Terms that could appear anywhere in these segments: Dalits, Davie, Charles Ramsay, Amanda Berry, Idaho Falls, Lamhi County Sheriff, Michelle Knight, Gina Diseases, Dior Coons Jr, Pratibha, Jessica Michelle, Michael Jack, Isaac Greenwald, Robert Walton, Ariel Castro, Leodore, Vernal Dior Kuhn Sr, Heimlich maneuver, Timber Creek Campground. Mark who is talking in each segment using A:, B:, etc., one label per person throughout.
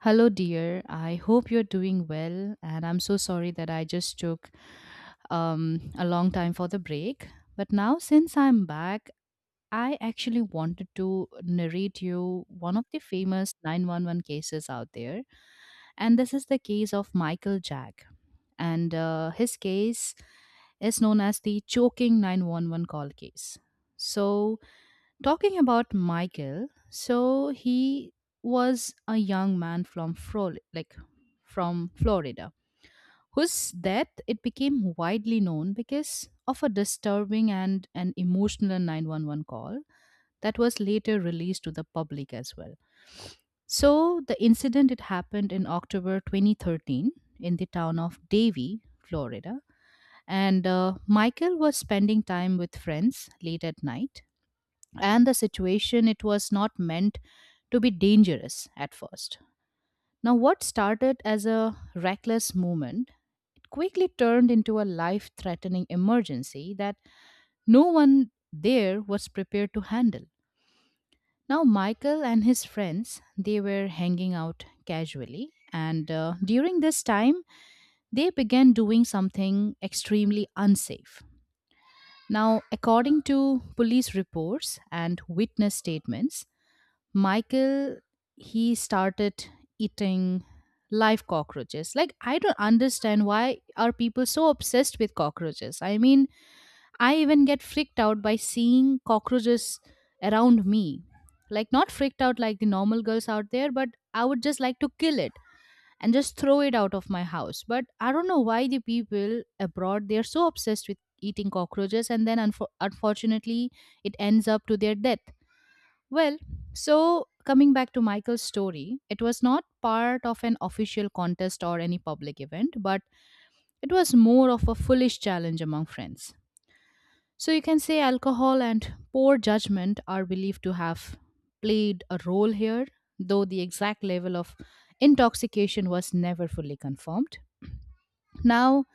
A: Hello, dear. I hope you're doing well, and I'm so sorry that I just took a long time for the break. But now, since I'm back, I actually wanted to narrate you one of the famous 911 cases out there. And this is the case of Michael Jack. And his case is known as the choking 911 call case. So, talking about Michael, so he was a young man like from Florida, whose death it became widely known because of a disturbing and an emotional 911 call that was later released to the public as well. So the incident it happened in October 2013 in the town of Davie, Florida, and Michael was spending time with friends late at night, and the situation it was not meant to be dangerous at first. Now what started as a reckless movement, it quickly turned into a life threatening emergency that no one there was prepared to handle. Now Michael and his friends, they were hanging out casually, and during this time they began doing something extremely unsafe. Now according to police reports and witness statements, Michael, he started eating live cockroaches. Like, I don't understand why are people so obsessed with cockroaches. I mean, I even get freaked out by seeing cockroaches around me. Like, not freaked out like the normal girls out there, but I would just like to kill it and just throw it out of my house. But I don't know why the people abroad, they're so obsessed with eating cockroaches, and then unfortunately it ends up to their death. Well, so coming back to Michael's story, it was not part of an official contest or any public event, but it was more of a foolish challenge among friends. So you can say alcohol and poor judgment are believed to have played a role here, though the exact level of intoxication was never fully confirmed. Now,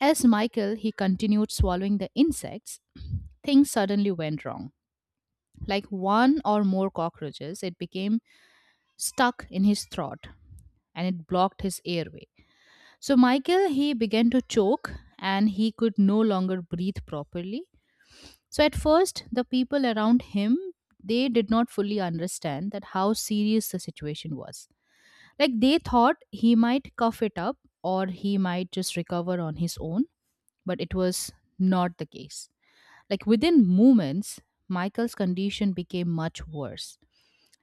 A: as Michael he continued swallowing the insects, things suddenly went wrong. Like one or more cockroaches, it became stuck in his throat and it blocked his airway. So Michael, he began to choke and he could no longer breathe properly. So at first, the people around him, they did not fully understand that how serious the situation was. Like they thought he might cough it up or he might just recover on his own, but it was not the case. Like within moments, Michael's condition became much worse.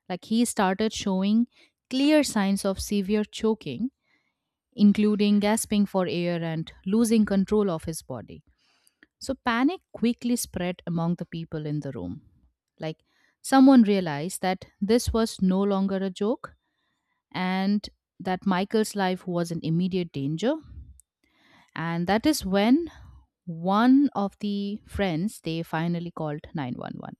A: Like he started showing clear signs of severe choking, including gasping for air and losing control of his body. So panic quickly spread among the people in the room. Like someone realized that this was no longer a joke and that Michael's life was in immediate danger. And that is when one of the friends they finally called 911.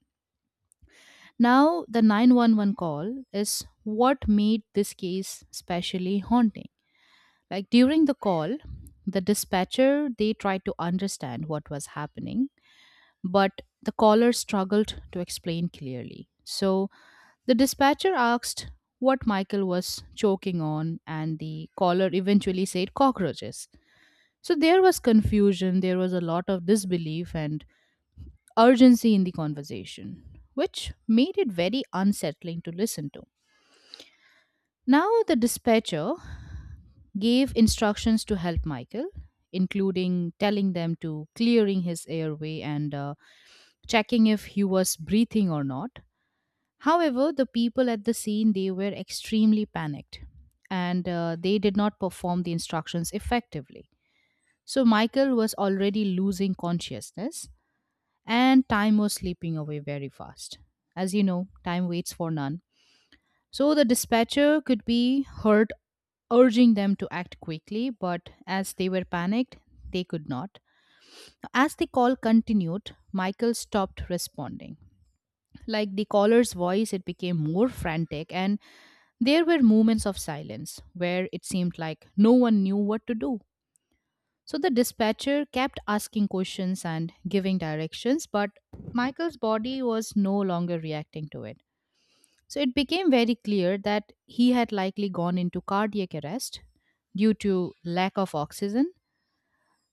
A: Now, the 911 call is what made this case specially haunting. Like during the call, the dispatcher they tried to understand what was happening, but the caller struggled to explain clearly. So the dispatcher asked what Michael was choking on, and the caller eventually said cockroaches. So, there was confusion, there was a lot of disbelief and urgency in the conversation, which made it very unsettling to listen to. Now, the dispatcher gave instructions to help Michael, including telling them to clearing his airway and checking if he was breathing or not. However, the people at the scene they were extremely panicked, and they did not perform the instructions effectively. So Michael was already losing consciousness and time was slipping away very fast. As you know, time waits for none. So the dispatcher could be heard urging them to act quickly, but as they were panicked, they could not. As the call continued, Michael stopped responding. Like the caller's voice, it became more frantic, and there were moments of silence where it seemed like no one knew what to do. So the dispatcher kept asking questions and giving directions, but Michael's body was no longer reacting to it. So it became very clear that he had likely gone into cardiac arrest due to lack of oxygen.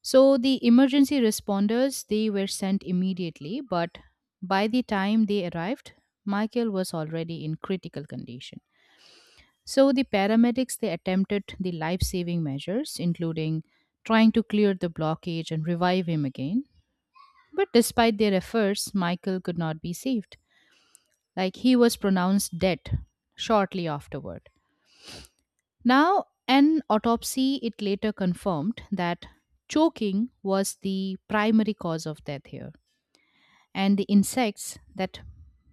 A: So the emergency responders they were sent immediately, but by the time they arrived, Michael was already in critical condition. So the paramedics they attempted the life-saving measures, including trying to clear the blockage and revive him again. But despite their efforts, Michael could not be saved. Like he was pronounced dead shortly afterward. Now an autopsy it later confirmed that choking was the primary cause of death here, and the insects that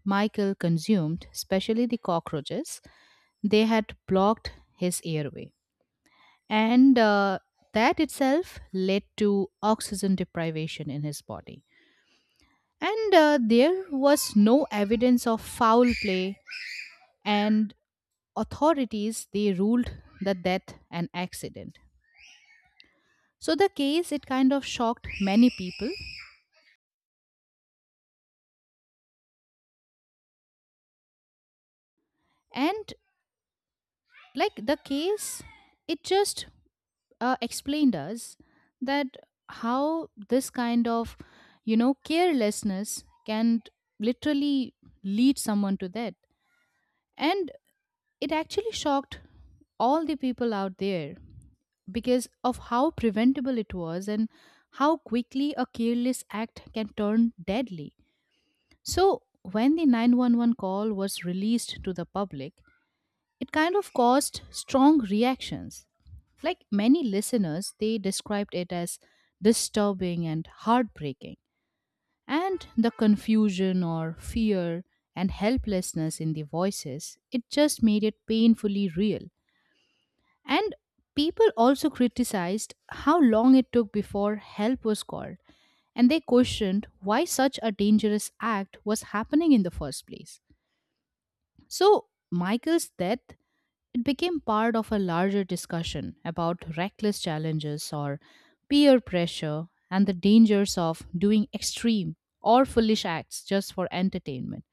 A: Michael consumed, especially the cockroaches, they had blocked his airway. And that itself led to oxygen deprivation in his body. And there was no evidence of foul play, and authorities they ruled the death an accident. So the case it kind of shocked many people, and like the case, it just explained us that how this kind of carelessness can literally lead someone to death, and it actually shocked all the people out there because of how preventable it was and how quickly a careless act can turn deadly. So when the 911 call was released to the public, it kind of caused strong reactions. Like many listeners, they described it as disturbing and heartbreaking. And the confusion or fear and helplessness in the voices, it just made it painfully real. And people also criticized how long it took before help was called, and they questioned why such a dangerous act was happening in the first place. So Michael's death, it became part of a larger discussion about reckless challenges or peer pressure and the dangers of doing extreme or foolish acts just for entertainment.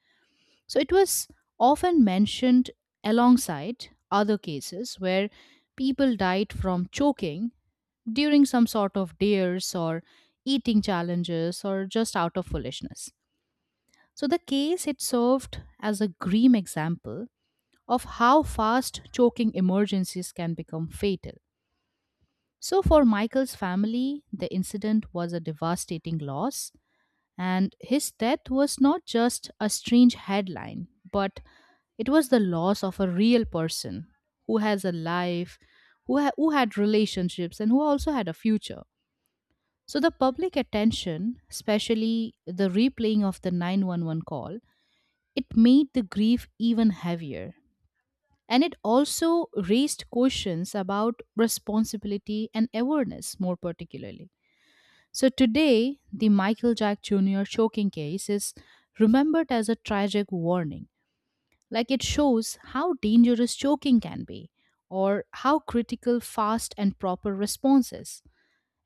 A: So it was often mentioned alongside other cases where people died from choking during some sort of dares or eating challenges or just out of foolishness. So the case it served as a grim example of how fast choking emergencies can become fatal. So, for Michael's family, the incident was a devastating loss, and his death was not just a strange headline, but it was the loss of a real person who has a life, who had relationships, and who also had a future. So, the public attention, especially the replaying of the 911 call, it made the grief even heavier. And it also raised questions about responsibility and awareness, more particularly. So today, the Michael Jack Jr. choking case is remembered as a tragic warning. Like it shows how dangerous choking can be, or how critical fast and proper response is,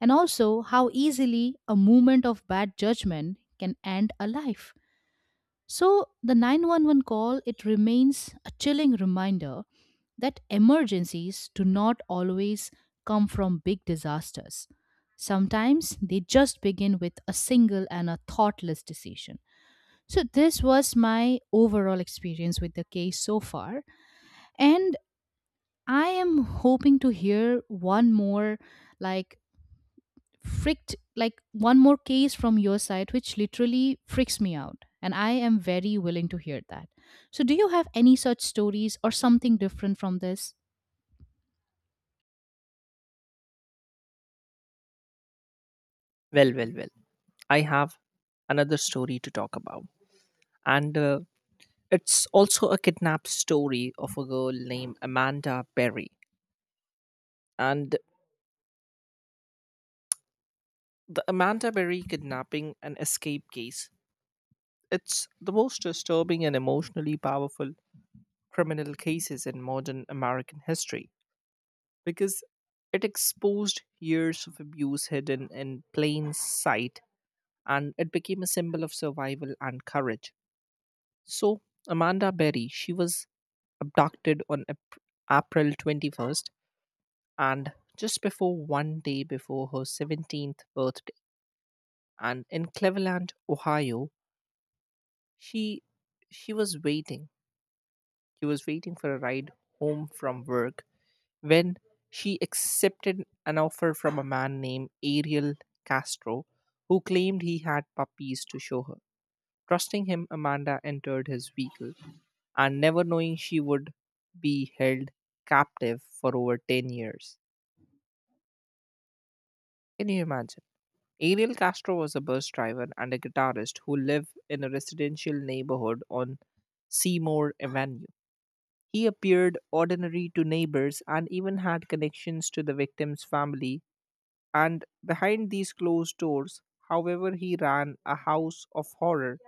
A: and also how easily a moment of bad judgment can end a life. So the 911 call, it remains a chilling reminder that emergencies do not always come from big disasters. Sometimes they just begin with a single and a thoughtless decision. So, this was my overall experience with the case so far. And I am hoping to hear one more, like like one more case from your side which literally freaks me out, and I am very willing to hear that. So do you have any such stories or something different from this?
B: Well, well, well. I have another story to talk about. And It's also a kidnapped story of a girl named Amanda Berry. And the Amanda Berry kidnapping and escape case, it's the most disturbing and emotionally powerful criminal cases in modern American history because it exposed years of abuse hidden in plain sight and it became a symbol of survival and courage. So, Amanda Berry, she was abducted on April 21st and just before one day before her 17th birthday. And in Cleveland, Ohio, she she was waiting. She was waiting for a ride home from work when she accepted an offer from a man named Ariel Castro who claimed he had puppies to show her. Trusting him, Amanda entered his vehicle and never knowing she would be held captive for over 10 years. Can you imagine? Ariel Castro was a bus driver and a guitarist who lived in a residential neighborhood on Seymour Avenue. He appeared ordinary to neighbors and even had connections to the victim's family. And behind these closed doors, however, he ran a house of horror,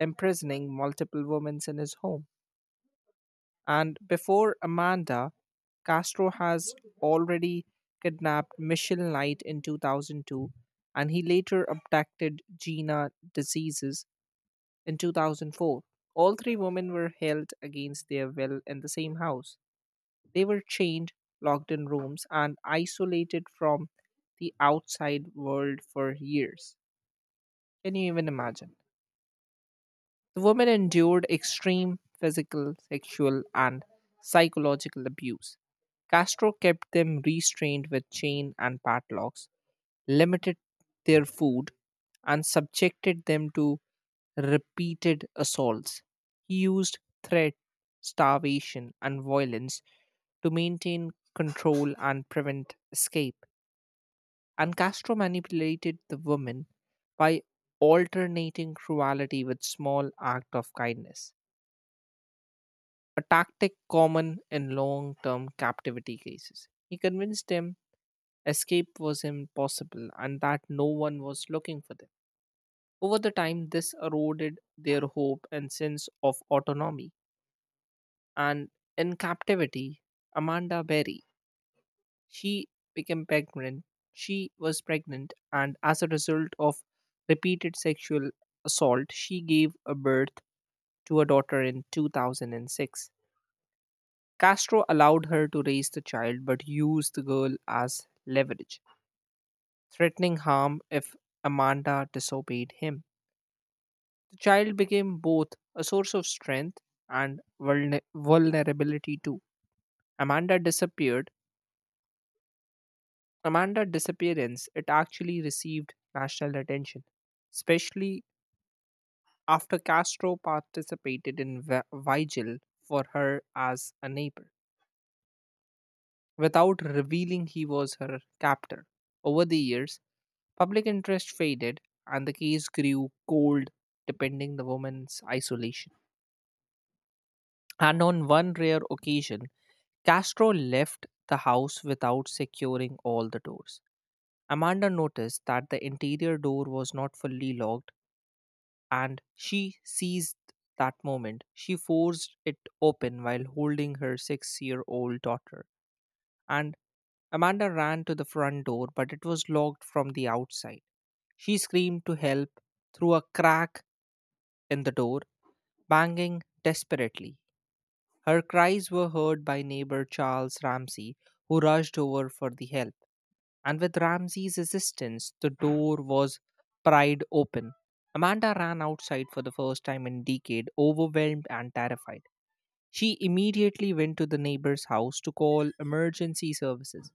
B: imprisoning multiple women in his home. And before Amanda, Castro has already kidnapped Michelle Knight in 2002, and he later abducted Gina Diseases in 2004. All three women were held against their will in the same house. They were chained, locked in rooms, and isolated from the outside world for years. Can you even imagine? The woman endured extreme physical, sexual, and psychological abuse. Castro kept them restrained with chain and padlocks, limited their food, and subjected them to repeated assaults. He used threat, starvation, and violence to maintain control and prevent escape. And Castro manipulated the women by alternating cruelty with small act of kindness. A tactic common in long term captivity cases. He convinced them escape was impossible and that no one was looking for them. Over the time, this eroded their hope and sense of autonomy. And in captivity, Amanda Berry, she became pregnant. She was pregnant, and as a result of repeated sexual assault, she gave a birth to a daughter in 2006. Castro allowed her to raise the child but used the girl as leverage, threatening harm if Amanda disobeyed him. The child became both a source of strength and vulnerability too. Amanda disappeared. Amanda's disappearance, it actually received national attention, especially after Castro participated in vigil for her as a neighbor, without revealing he was her captor. Over the years, public interest faded, and the case grew cold, depending the woman's isolation. And on one rare occasion, Castro left the house without securing all the doors. Amanda noticed that the interior door was not fully locked, and she seized that moment. She forced it open while holding her 6 year old daughter, and Amanda ran to the front door, but it was locked from the outside. She screamed to help through a crack in the door, banging desperately. Her cries were heard by neighbor Charles Ramsay, who rushed over for the help. And with Ramsay's assistance, the door was pried open. Amanda ran outside for the first time in a decade, overwhelmed and terrified. She immediately went to the neighbor's house to call emergency services,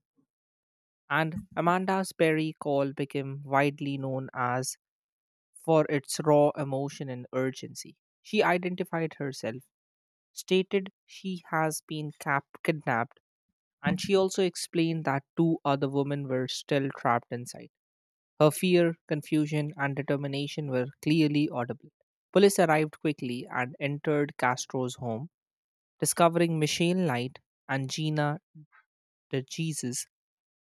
B: and Amanda's berry call became widely known as for its raw emotion and urgency. She identified herself stated she has been kidnapped, and she also explained that two other women were still trapped inside. Her fear, confusion, and determination were clearly audible. Police arrived quickly and entered Castro's home, discovering Michelle Knight and Gina De Jesus.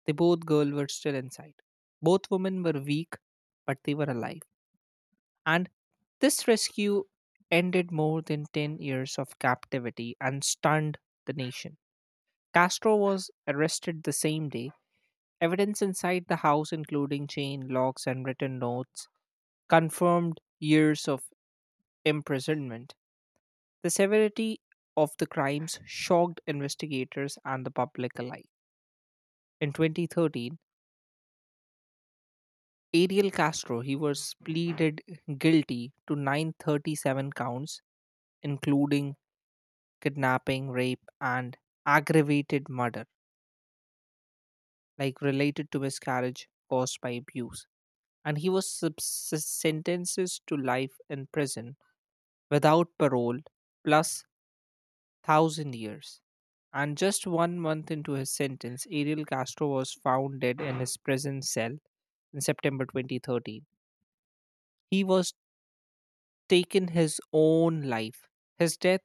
B: The both girls were still inside. Both women were weak, but they were alive. And this rescue ended more than 10 years of captivity and stunned the nation. Castro was arrested the same day. Evidence inside the house, including chain locks and written notes, confirmed years of imprisonment. The severity of the crimes shocked investigators and the public alike. In 2013, Ariel Castro he was pleaded guilty to 937 counts, including kidnapping, rape, and aggravated murder, like related to miscarriage caused by abuse. And he was sentenced to life in prison without parole plus 1000 years. And just 1 month into his sentence, Ariel Castro was found dead in his prison cell in September 2013. He was taken his own life. His death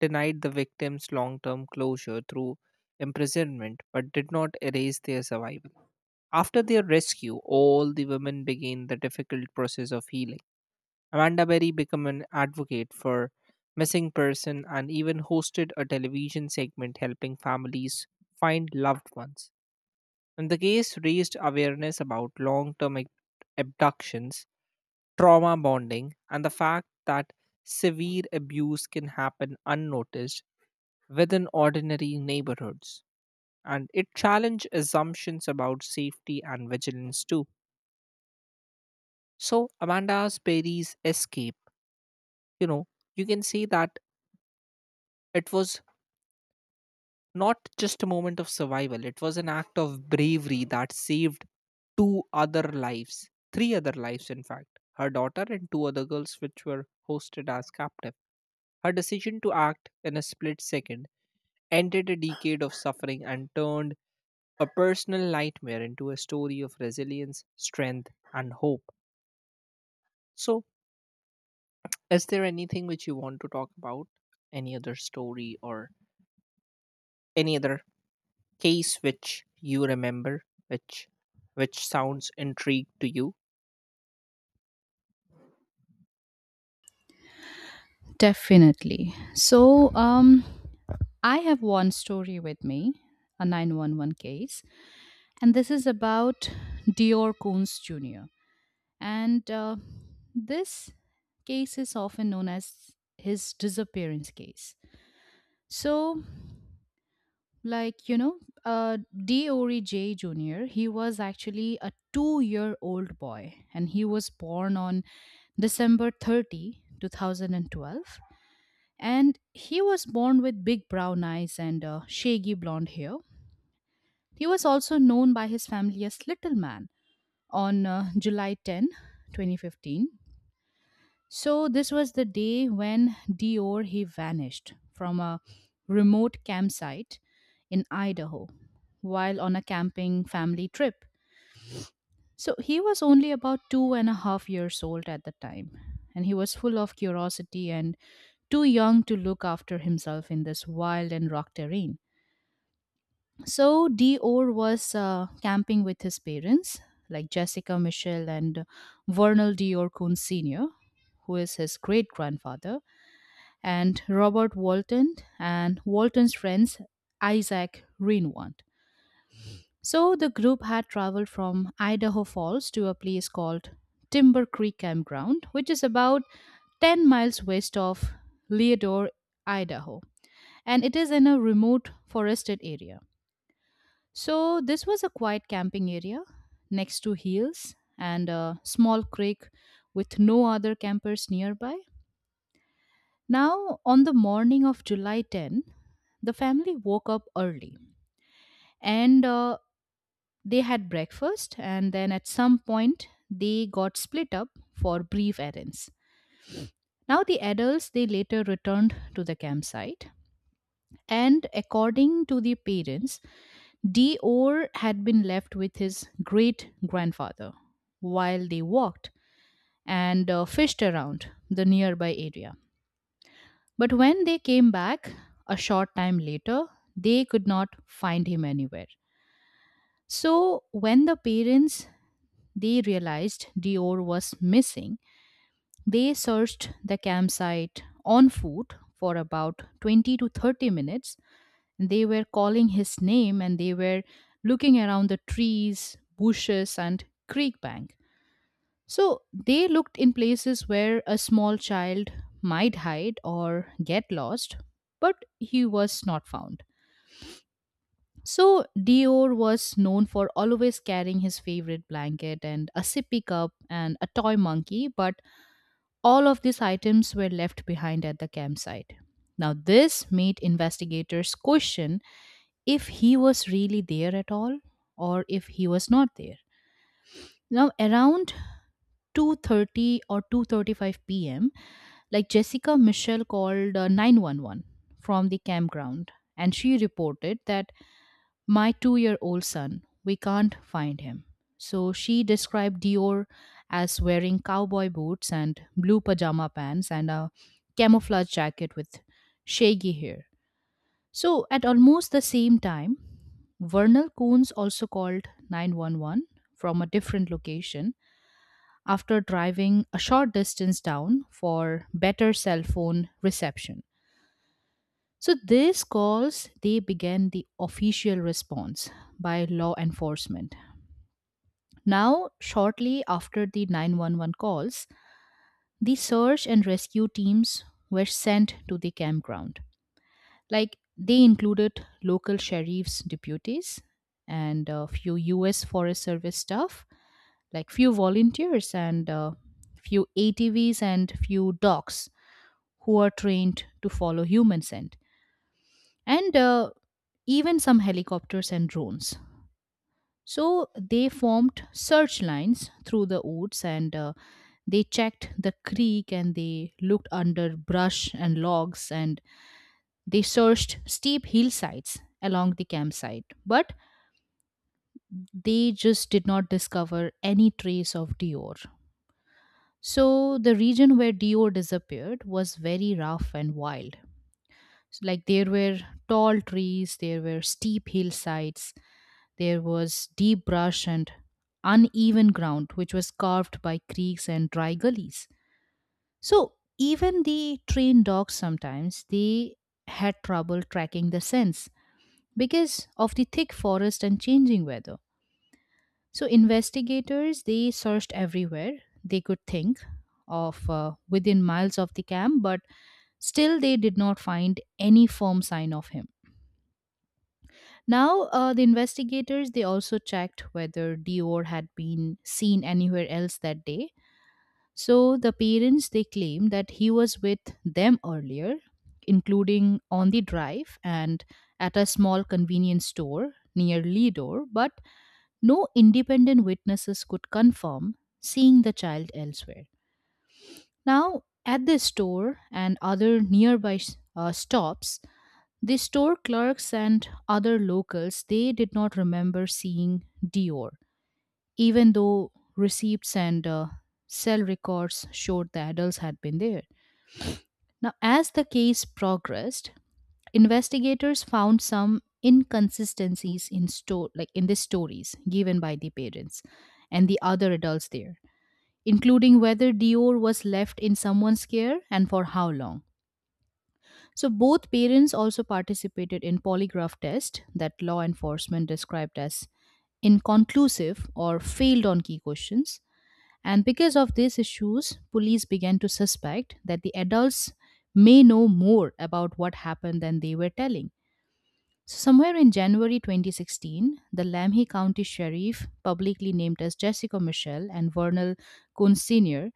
B: denied the victims long term closure through imprisonment but did not erase their survival. After their rescue, all the women began the difficult process of healing. Amanda Berry became an advocate for missing person and even hosted a television segment helping families find loved ones. And the case raised awareness about long-term abductions, trauma bonding, and the fact that severe abuse can happen unnoticed within ordinary neighborhoods. And it challenged assumptions about safety and vigilance too. So Amanda Berry's escape, you know, you can see that it was not just a moment of survival, it was an act of bravery that saved two other lives, three other lives, in fact, her daughter and two other girls, which were hosted as captive. Her decision to act in a split second ended a decade of suffering and turned a personal nightmare into a story of resilience, strength, and hope. So, is there anything which you want to talk about? Any other story or any other case which you remember which sounds intrigue to you?
A: Definitely. So I have one story with me, a 911 case, and this is about Dior Coons Jr. And this case is often known as his disappearance case. So, like you know Diori J Jr., he was actually a 2-year-old boy, and he was born on December 30, 2012, and he was born with big brown eyes and shaggy blonde hair. He was also known by his family as little man. On July 10, 2015, so this was the day when Dior he vanished from a remote campsite in Idaho while on a camping family trip. So he was only about two and a half years old at the time, and he was full of curiosity and too young to look after himself in this wild and rock terrain. So Dior was camping with his parents, like Jessica Michelle and Vernal Dior Kuhn Sr., who is his great grandfather, and Robert Walton, and Walton's friends Isaac Greenwald. So the group had traveled from Idaho Falls to a place called Timber Creek Campground, which is about 10 miles west of Leodore, Idaho, and it is in a remote forested area. So this was a quiet camping area next to hills and a small creek with no other campers nearby. Now, on the morning of July 10, the family woke up early, and they had breakfast, and then at some point, they got split up for brief errands. Now, the adults they later returned to the campsite, and according to the parents, Dior had been left with his great grandfather while they walked and fished around the nearby area. But when they came back a short time later, they could not find him anywhere. So when the parents they realized Dior was missing, they searched the campsite on foot for about 20 to 30 minutes. They were calling his name and they were looking around the trees, bushes and creek bank. So they looked in places where a small child might hide or get lost, but he was not found. So Dior was known for always carrying his favorite blanket and a sippy cup and a toy monkey, but all of these items were left behind at the campsite. Now this made investigators question if he was really there at all or if he was not there. Now around 2:30 or 2:35 p.m. like Jessica Michelle called 911 from the campground and she reported that my 2-year-old son we can't find him. So she described Dior as wearing cowboy boots and blue pajama pants and a camouflage jacket with shaggy hair. So at almost the same time Vernal Coons also called 911 from a different location after driving a short distance down for better cell phone reception. So these calls they began the official response by law enforcement. Now shortly after the 911 calls, the search and rescue teams were sent to the campground. Like they included local sheriff's deputies and a few US Forest Service staff, like few volunteers and few ATVs and few dogs who are trained to follow human scent, and even some helicopters and drones. So they formed search lines through the woods and they checked the creek and they looked under brush and logs and they searched steep hillsides along the campsite. But they just did not discover any trace of Dior. So the region where Dior disappeared was very rough and wild. So, like there were tall trees, there were steep hillsides, there was deep brush and uneven ground, which was carved by creeks and dry gullies. So even the trained dogs sometimes they had trouble tracking the scents because of the thick forest and changing weather. So investigators they searched everywhere they could think of within miles of the camp, but still they did not find any firm sign of him. Now, the investigators they also checked whether Dior had been seen anywhere else that day. So the parents they claim that he was with them earlier, including on the drive and at a small convenience store near Lidor, but no independent witnesses could confirm seeing the child elsewhere. Now, at this store and other nearby stops, the store clerks and other locals they did not remember seeing Dior, even though receipts and cell records showed the adults had been there. Now, as the case progressed, investigators found some inconsistencies in store like in the stories given by the parents and the other adults there, including whether Dior was left in someone's care and for how long. So both parents also participated in polygraph test that law enforcement described as inconclusive or failed on key questions. And because of these issues, police began to suspect that the adults may know more about what happened than they were telling. So somewhere in January 2016, the Lamhi County Sheriff, publicly named as Jessica Michelle and Vernal Kuhn Sr.,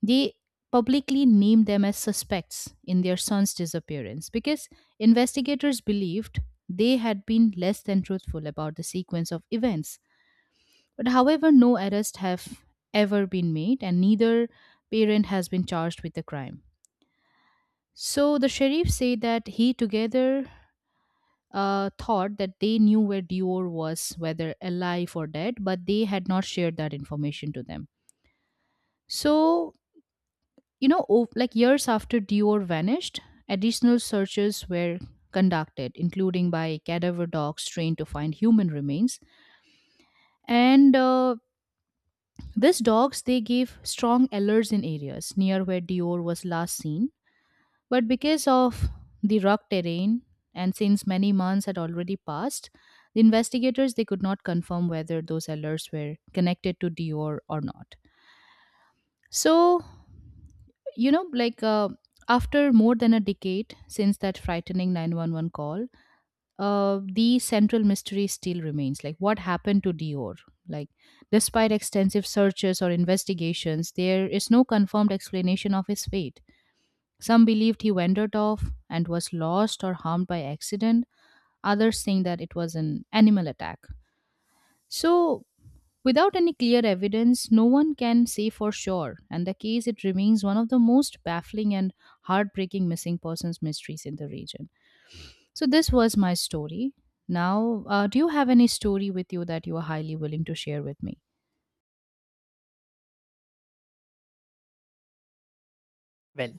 A: they publicly named them as suspects in their son's disappearance because investigators believed they had been less than truthful about the sequence of events. But however, no arrests have ever been made, and neither parent has been charged with the crime. So the sheriff said that he, together, thought that they knew where Dior was, whether alive or dead, but they had not shared that information to them. So like years after Dior vanished, additional searches were conducted, including by cadaver dogs trained to find human remains. And these dogs they gave strong alerts in areas near where Dior was last seen. But because of the rock terrain, and since many months had already passed, the investigators they could not confirm whether those alerts were connected to Dior or not. So you know like uh, after more than a decade since that frightening 911 call, the central mystery still remains, like what happened to Dior. Like despite extensive searches or investigations, there is no confirmed explanation of his fate. Some believed he wandered off and was lost or harmed by accident, others saying that it was an animal attack. So without any clear evidence, no one can say for sure, and the case it remains one of the most baffling and heartbreaking missing persons mysteries in the region. So this was my story. Now, do you have any story with you that you are highly willing to share with me?
B: Well,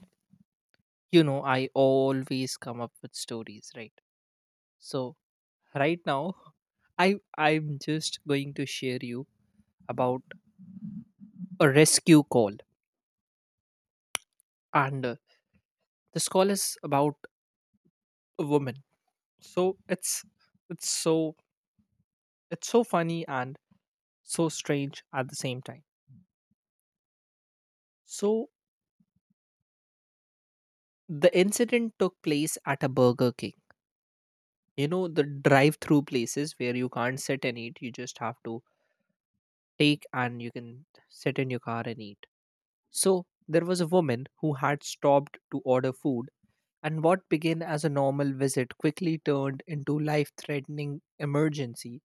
B: you know, I always come up with stories, right? So right now, i I'm just going to share you about a rescue call, and this call is about a woman. So it's so it's so funny and so strange at the same time. So the incident took place at a Burger King, you know, the drive through places where you can't sit and eat, you just have to take and you can sit in your car and eat. So there was a woman who had stopped to order food, and what began as a normal visit quickly turned into life threatening emergency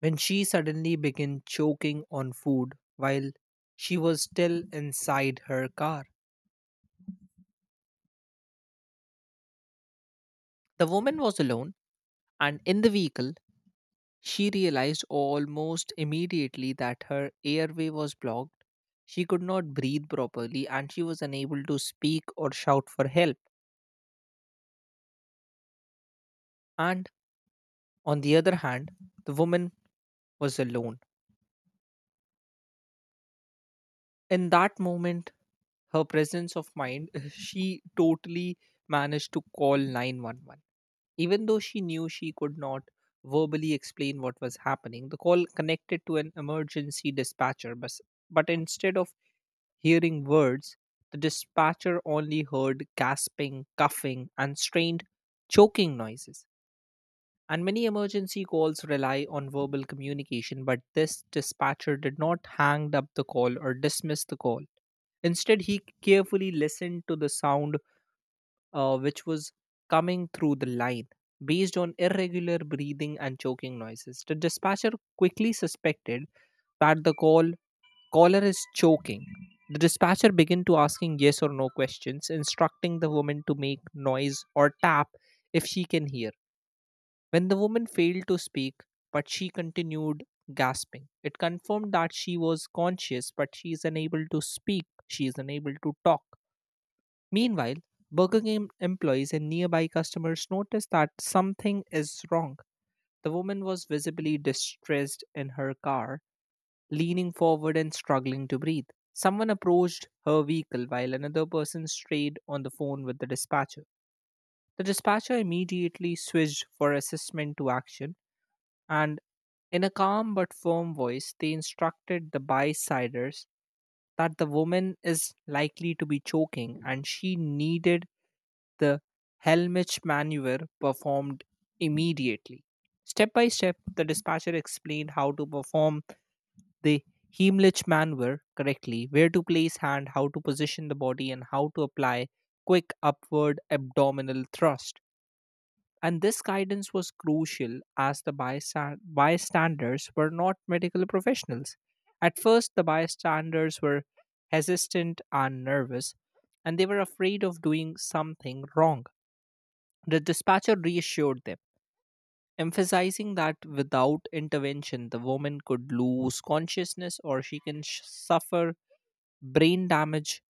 B: when she suddenly began choking on food while she was still inside her car. The woman was alone and in the vehicle. She realized almost immediately that her airway was blocked. She could not breathe properly and she was unable to speak or shout for help. And on the other hand, the woman was alone. In that moment, her presence of mind, she totally managed to call 911. Even though she knew she could not verbally explain what was happening, the call connected to an emergency dispatcher, but, instead of hearing words, the dispatcher only heard gasping, coughing, and strained choking noises. And many emergency calls rely on verbal communication, but this dispatcher did not hang up the call or dismiss the call. Instead, he carefully listened to the sound which was coming through the line. Based on irregular breathing and choking noises, the dispatcher quickly suspected that the caller is choking. The dispatcher began to asking yes or no questions, instructing the woman to make noise or tap if she can hear. When the woman failed to speak, but she continued gasping, it confirmed that she was conscious, but she is unable to speak. She is unable to talk. Meanwhile, Burger King employees and nearby customers noticed that something is wrong. The woman was visibly distressed in her car leaning forward and struggling to breathe. Someone approached her vehicle while another person strayed on the phone with the dispatcher. The dispatcher immediately switched for assessment to action, and in a calm but firm voice, they instructed the bystanders that the woman is likely to be choking and she needed the Helmich maneuver performed immediately. Step by step, the dispatcher explained how to perform the Heimlich maneuver correctly, where to place hand, how to position the body, and how to apply quick upward abdominal thrust. And this guidance was crucial as the bystanders were not medical professionals. At first, the bystanders were hesitant and nervous, and they were afraid of doing something wrong. The dispatcher reassured them, emphasizing that without intervention, the woman could lose consciousness or she can suffer brain damage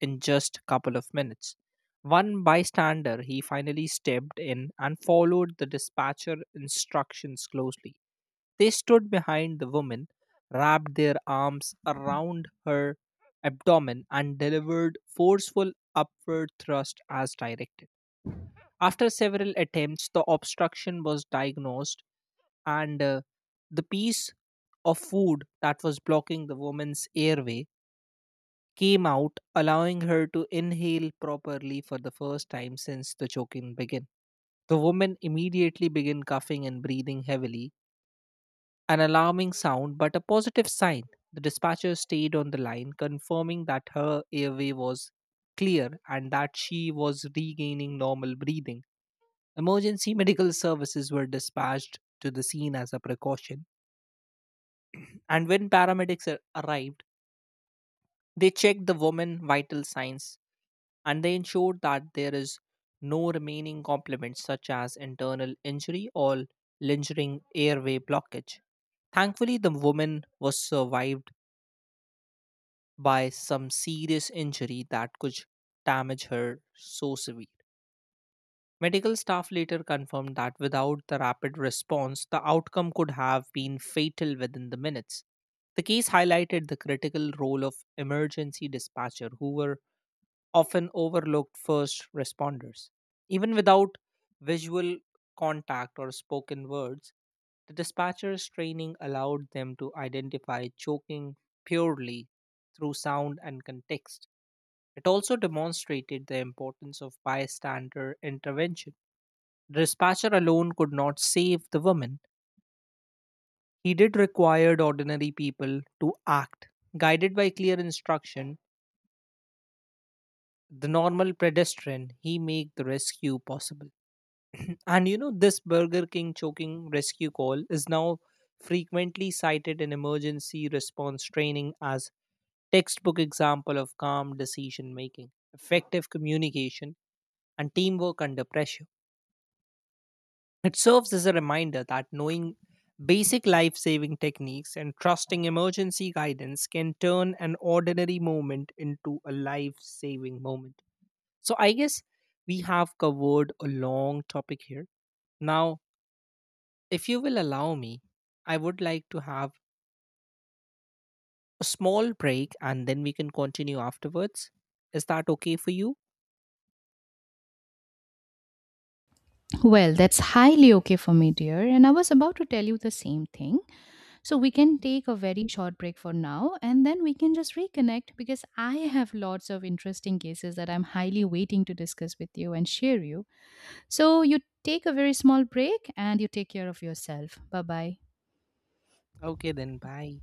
B: in just couple of minutes. One bystander, he finally stepped in and followed the dispatcher instructions closely. They stood behind the woman, wrapped their arms around her abdomen, and delivered forceful upward thrust as directed. After several attempts, the obstruction was diagnosed, and the piece of food that was blocking the woman's airway came out, allowing her to inhale properly for the first time since the choking began. The woman immediately began coughing and breathing heavily, an alarming sound but a positive sign. The dispatcher stayed on the line, confirming that her airway was clear and that she was regaining normal breathing. Emergency medical services were dispatched to the scene as a precaution, and when paramedics arrived, they checked the woman's vital signs and they ensure that there is no remaining complement, such as internal injury or lingering airway blockage. Thankfully, the woman was survived by some serious injury that could damage her so severe. Medical staff later confirmed that without the rapid response, the outcome could have been fatal within the minutes. The case highlighted the critical role of emergency dispatcher who were often overlooked first responders. Even without visual contact or spoken words, the dispatcher's training allowed them to identify choking purely through sound and context. It also demonstrated the importance of bystander intervention. The dispatcher alone could not save the woman. He did required ordinary people to act. Guided by clear instruction, the normal pedestrian, he made the rescue possible. And you know, this Burger King choking rescue call is now frequently cited in emergency response training as textbook example of calm decision making, effective communication, and teamwork under pressure. It serves as a reminder that knowing basic life saving techniques and trusting emergency guidance can turn an ordinary moment into a life saving moment. So, I guess we have covered a long topic here. Now, if you will allow me, I would like to have a small break and then we can continue afterwards. Is that okay for you?
A: Well, that's highly okay for me, dear. And I was about to tell you the same thing. So we can take a very short break for now and then we can just reconnect because I have lots of interesting cases that I'm highly waiting to discuss with you and share you. So you take a very small break and you take care of yourself. Bye bye.
B: Okay, then bye.